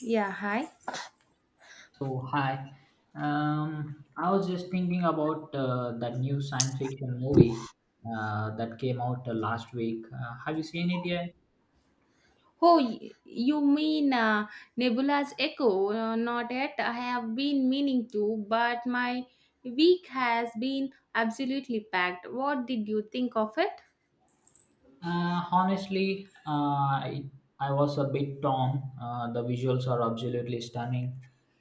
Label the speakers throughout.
Speaker 1: Yeah, hi.
Speaker 2: So, hi. I was just thinking about that new science fiction movie that came out last week. Have you seen it yet?
Speaker 1: Oh, you mean Nebula's Echo? Not yet. I have been meaning to, but my week has been absolutely packed. What did you think of it?
Speaker 2: Honestly, I was a bit torn. The visuals are absolutely stunning,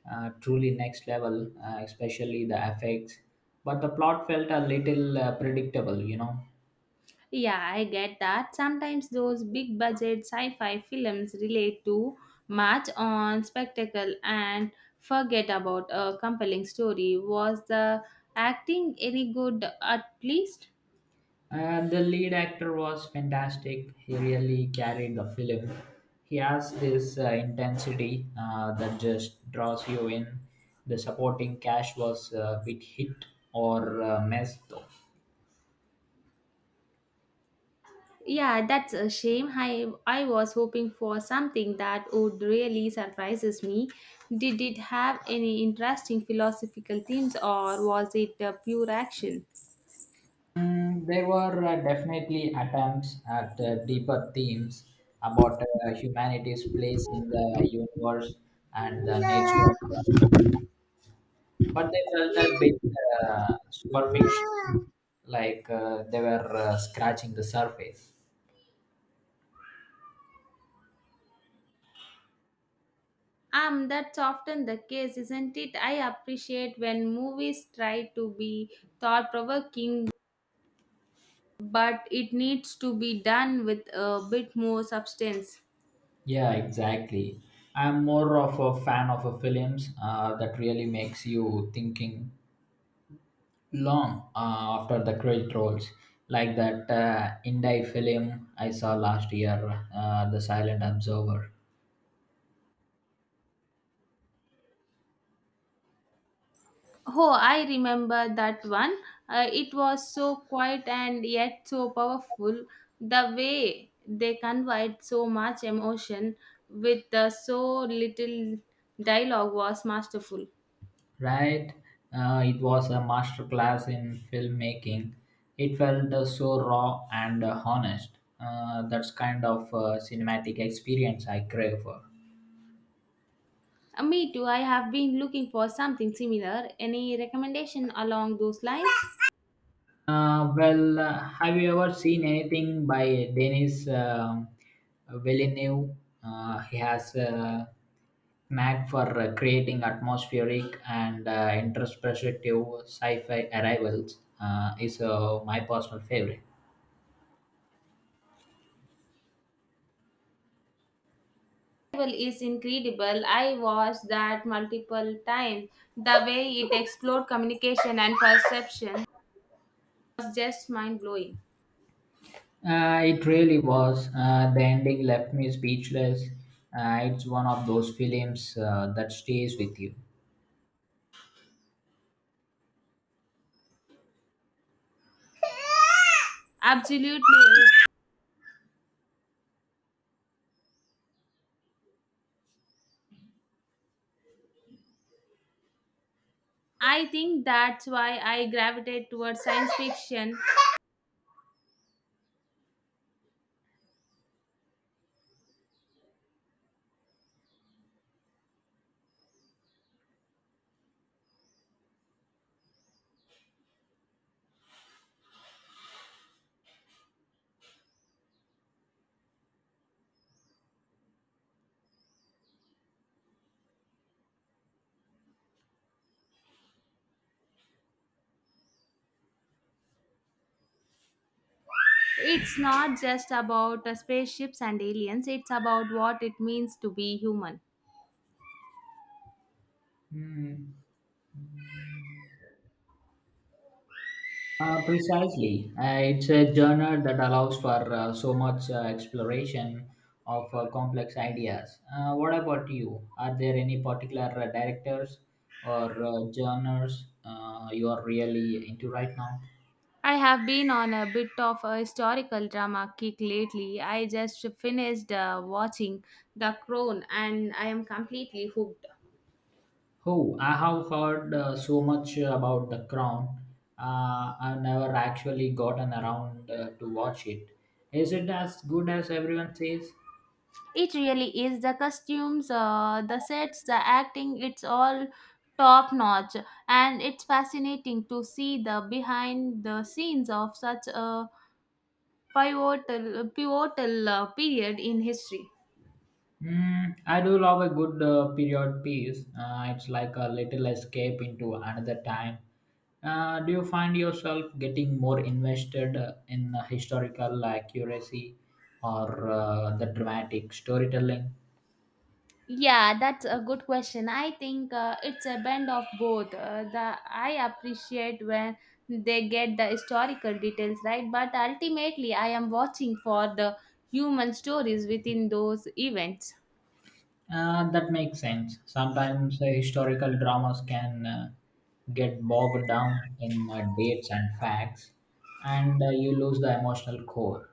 Speaker 2: truly next level, especially the effects. But the plot felt a little predictable,
Speaker 1: Yeah, I get that. Sometimes those big budget sci fi films relate to much on spectacle and forget about a compelling story. Was the acting any good at least?
Speaker 2: The lead actor was fantastic. He really carried the film. He has this intensity that just draws you in. The supporting cast was a bit hit or miss, though.
Speaker 1: Yeah, that's a shame. I was hoping for something that would really surprises me. Did it have any interesting philosophical themes or was it pure action?
Speaker 2: Mm, there were definitely attempts at deeper themes about humanity's place in the universe and the nature of the but they felt a bit superficial, like they were scratching the surface.
Speaker 1: That's often the case, isn't it? I appreciate when movies try to be thought provoking, but it needs to be done with a bit more substance.
Speaker 2: Yeah, exactly. I'm more of a fan of films that really makes you thinking long after the credit rolls, like that Indie film I saw last year, The Silent Observer.
Speaker 1: Oh, I remember that one. It was so quiet and yet so powerful. The way they conveyed so much emotion with so little dialogue was masterful.
Speaker 2: Right? It was a masterclass in filmmaking. It felt so raw and honest. That's kind of cinematic experience I crave for.
Speaker 1: Me too. I have been looking for something similar. Any recommendation along those lines?
Speaker 2: Well, have you ever seen anything by Denis Villeneuve? He has a knack for creating atmospheric and introspective sci-fi arrivals. Is my personal favorite.
Speaker 1: Bible is incredible. I watched that multiple times. The way it explored communication and perception was just mind blowing.
Speaker 2: It really was. The ending left me speechless. It's one of those films that stays with you.
Speaker 1: Absolutely. I think that's why I gravitate towards science fiction. It's not just about spaceships and aliens, it's about what it means to be human.
Speaker 2: Hmm. Precisely. It's a genre that allows for so much exploration of complex ideas. What about you? Are there any particular directors or genres you are really into right now?
Speaker 1: I have been on a bit of a historical drama kick lately. I just finished watching The Crown, and I am completely hooked.
Speaker 2: Oh, I have heard so much about The Crown. I have never actually gotten around to watch it. Is it as good as everyone says?
Speaker 1: It really is. The costumes, the sets, the acting, it's all top notch. And it's fascinating to see the behind the scenes of such a pivotal period in history.
Speaker 2: Mm, I do love a good period piece. It's like a little escape into another time. Do you find yourself getting more invested in historical accuracy or the dramatic storytelling?
Speaker 1: Yeah, that's a good question. I think it's a blend of both. The I appreciate when they get the historical details right, but ultimately I am watching for the human stories within those events.
Speaker 2: That makes sense. Sometimes historical dramas can get bogged down in dates and facts, and you lose the emotional core.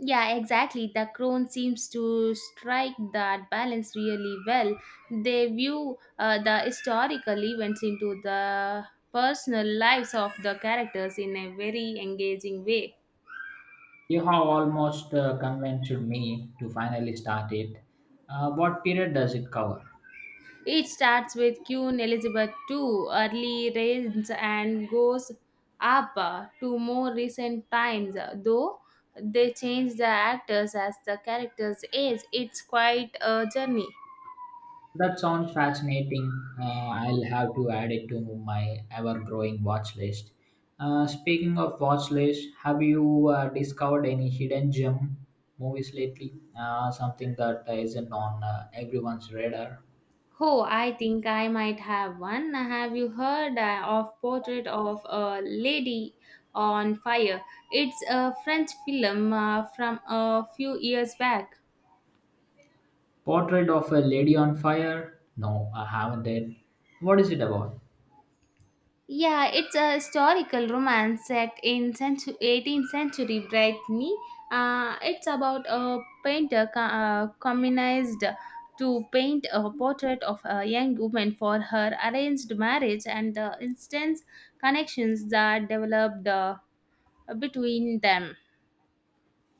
Speaker 1: Yeah, exactly. The crone seems to strike that balance really well. They view the historical events into the personal lives of the characters in a very engaging way.
Speaker 2: You have almost convinced me to finally start it. What period does it cover?
Speaker 1: It starts with Queen Elizabeth II, early reigns, and goes up to more recent times, though they change the actors as the characters age. It's quite a journey.
Speaker 2: That sounds fascinating. I'll have to add it to my ever-growing watch list. Speaking of watch list, have you discovered any hidden gem movies lately? Something that isn't on everyone's radar.
Speaker 1: Oh, I think I might have one. Have you heard of Portrait of a Lady on Fire? It's a French film from a few years back.
Speaker 2: Portrait of a Lady on Fire? No, I haven't it. What is it about?
Speaker 1: Yeah, it's a historical romance set in 18th century Brittany. It's about a painter communized to paint a portrait of a young woman for her arranged marriage, and the instant connections that developed. Between them.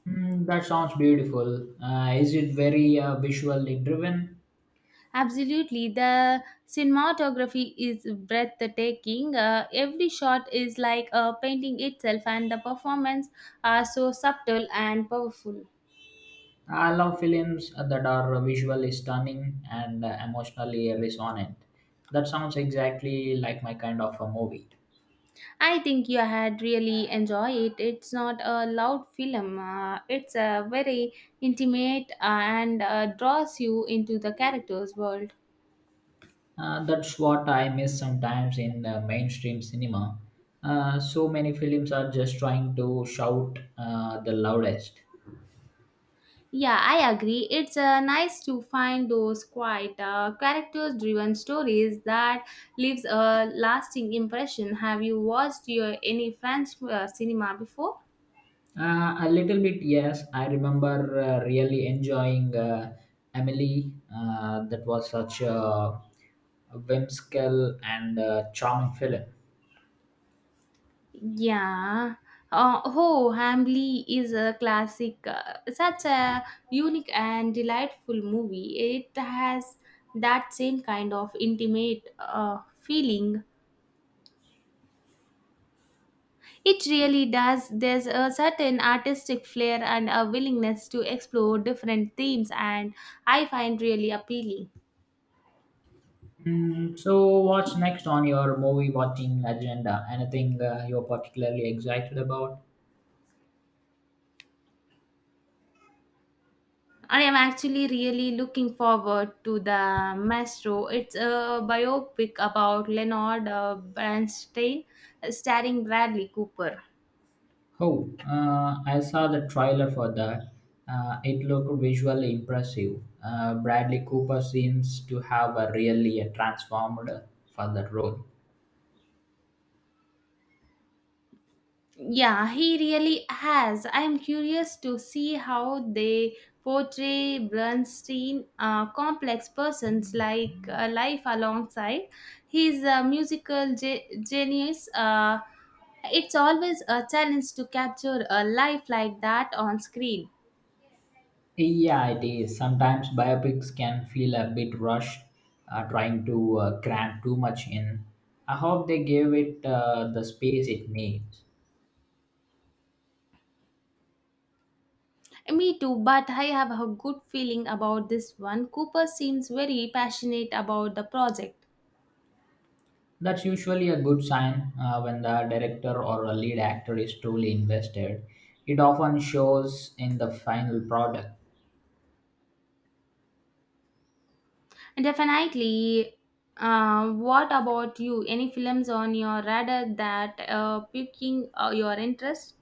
Speaker 2: Hmm, that sounds beautiful. Is it very visually driven?
Speaker 1: Absolutely, the cinematography is breathtaking. Every shot is like a painting itself, and the performance are so subtle and powerful.
Speaker 2: I love films that are visually stunning and emotionally resonant. That sounds exactly like my kind of a movie.
Speaker 1: I think you had really enjoy it. It's not a loud film. It's a very intimate and draws you into the character's world.
Speaker 2: That's what I miss sometimes in mainstream cinema. So many films are just trying to shout the loudest.
Speaker 1: Yeah, I agree. It's nice to find those quite character-driven stories that leaves a lasting impression. Have you watched any French cinema before?
Speaker 2: A little bit, yes. I remember really enjoying Emily. That was such a whimsical and charming film.
Speaker 1: Yeah. Oh, Hamlet is a classic, such a unique and delightful movie. It has that same kind of intimate feeling. It really does. There's a certain artistic flair and a willingness to explore different themes, and I find really appealing.
Speaker 2: Mm, so, what's next on your movie watching agenda? Anything you're particularly excited about?
Speaker 1: I am actually really looking forward to the Maestro. It's a biopic about Leonard Bernstein, starring Bradley Cooper.
Speaker 2: Oh, I saw the trailer for that. It looked visually impressive. Bradley Cooper seems to have a really a transformed for that role.
Speaker 1: Yeah, he really has. I'm curious to see how they portray Bernstein, complex persons like life alongside his musical genius. It's always a challenge to capture a life like that on screen.
Speaker 2: Yeah, it is. Sometimes biopics can feel a bit rushed, trying to cram too much in. I hope they gave it the space it needs.
Speaker 1: Me too, but I have a good feeling about this one. Cooper seems very passionate about the project.
Speaker 2: That's usually a good sign when the director or a lead actor is truly invested. It often shows in the final product.
Speaker 1: Definitely. What about you? Any films on your radar that piquing your interest?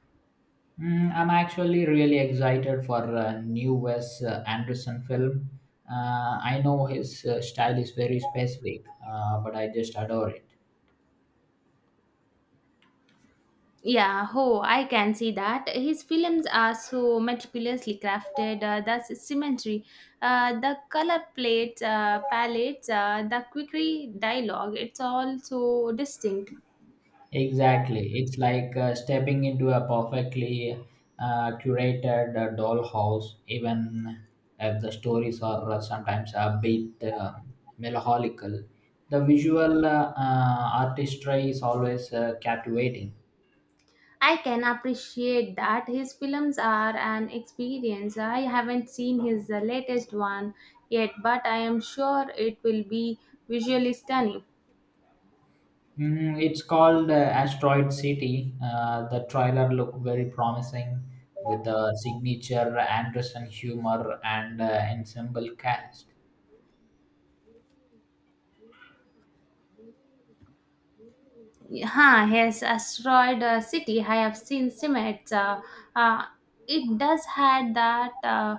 Speaker 2: Mm, I'm actually really excited for a new Wes Anderson film. I know his style is very specific, but I just adore it.
Speaker 1: Yeah, oh, I can see that. His films are so meticulously crafted. The symmetry, the color plates, palettes, the quirky dialogue. It's all so distinct.
Speaker 2: Exactly. It's like stepping into a perfectly curated dollhouse, even if the stories are sometimes a bit melancholical. The visual artistry is always captivating.
Speaker 1: I can appreciate that his films are an experience. I haven't seen his latest one yet, but I am sure it will be visually stunning.
Speaker 2: Mm, it's called Asteroid City. The trailer looked very promising with the signature Anderson humor and ensemble cast.
Speaker 1: Huh, his Asteroid City, I have seen Simets. Uh, it does had that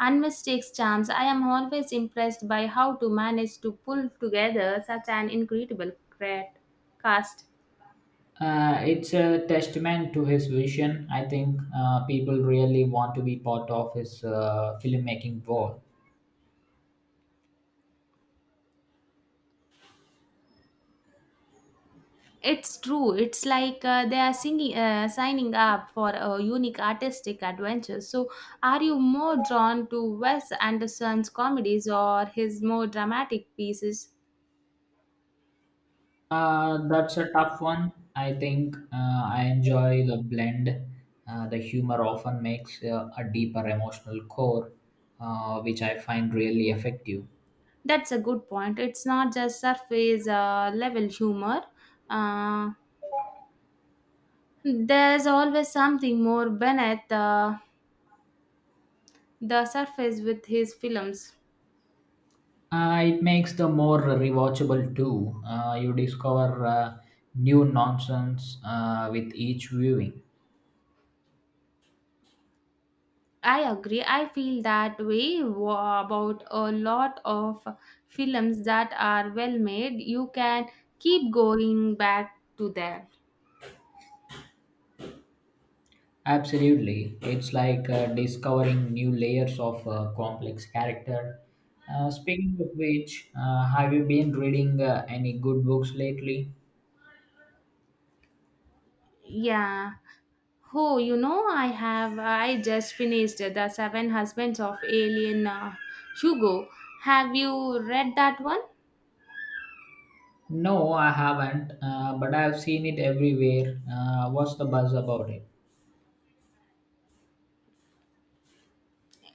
Speaker 1: unmistakable charms. I am always impressed by how to manage to pull together such an incredible cast.
Speaker 2: It's a testament to his vision. I think people really want to be part of his filmmaking world.
Speaker 1: It's true. It's like they are signing up for a unique artistic adventure. So, are you more drawn to Wes Anderson's comedies or his more dramatic pieces?
Speaker 2: That's a tough one. I think I enjoy the blend. The humor often makes a deeper emotional core, which I find really effective.
Speaker 1: That's a good point. It's not just surface level humor. Uh, there's always something more beneath the surface with his films.
Speaker 2: It makes the more rewatchable too. You discover new nonsense with each viewing.
Speaker 1: I agree. I feel that way about a lot of films that are well made. You can keep going back to that.
Speaker 2: Absolutely. It's like discovering new layers of complex character. Speaking of which, have you been reading any good books lately?
Speaker 1: Yeah. Oh, I have. I just finished The Seven Husbands of Alien Hugo. Have you read that one?
Speaker 2: No, I haven't, but I've seen it everywhere. What's the buzz about it?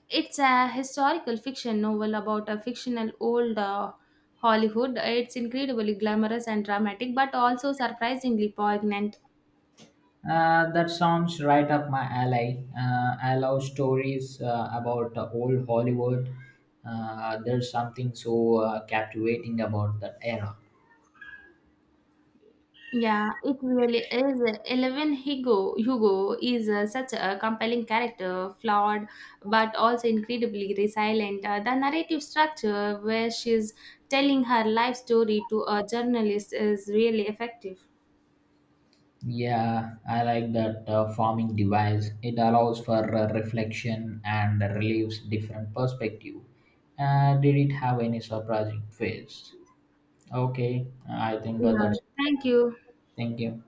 Speaker 1: It's a historical fiction novel about a fictional old Hollywood. It's incredibly glamorous and dramatic, but also surprisingly poignant.
Speaker 2: That sounds right up my alley. I love stories about old Hollywood. There's something so captivating about that era.
Speaker 1: Yeah, it really is. Eleven Hugo is such a compelling character, flawed but also incredibly resilient. The narrative structure where she's telling her life story to a journalist is really effective.
Speaker 2: Yeah, I like that farming device. It allows for reflection and relieves different perspective. Did it have any surprising twist? Okay, I think that
Speaker 1: Yeah,
Speaker 2: that's.
Speaker 1: thank you.
Speaker 2: Thank you.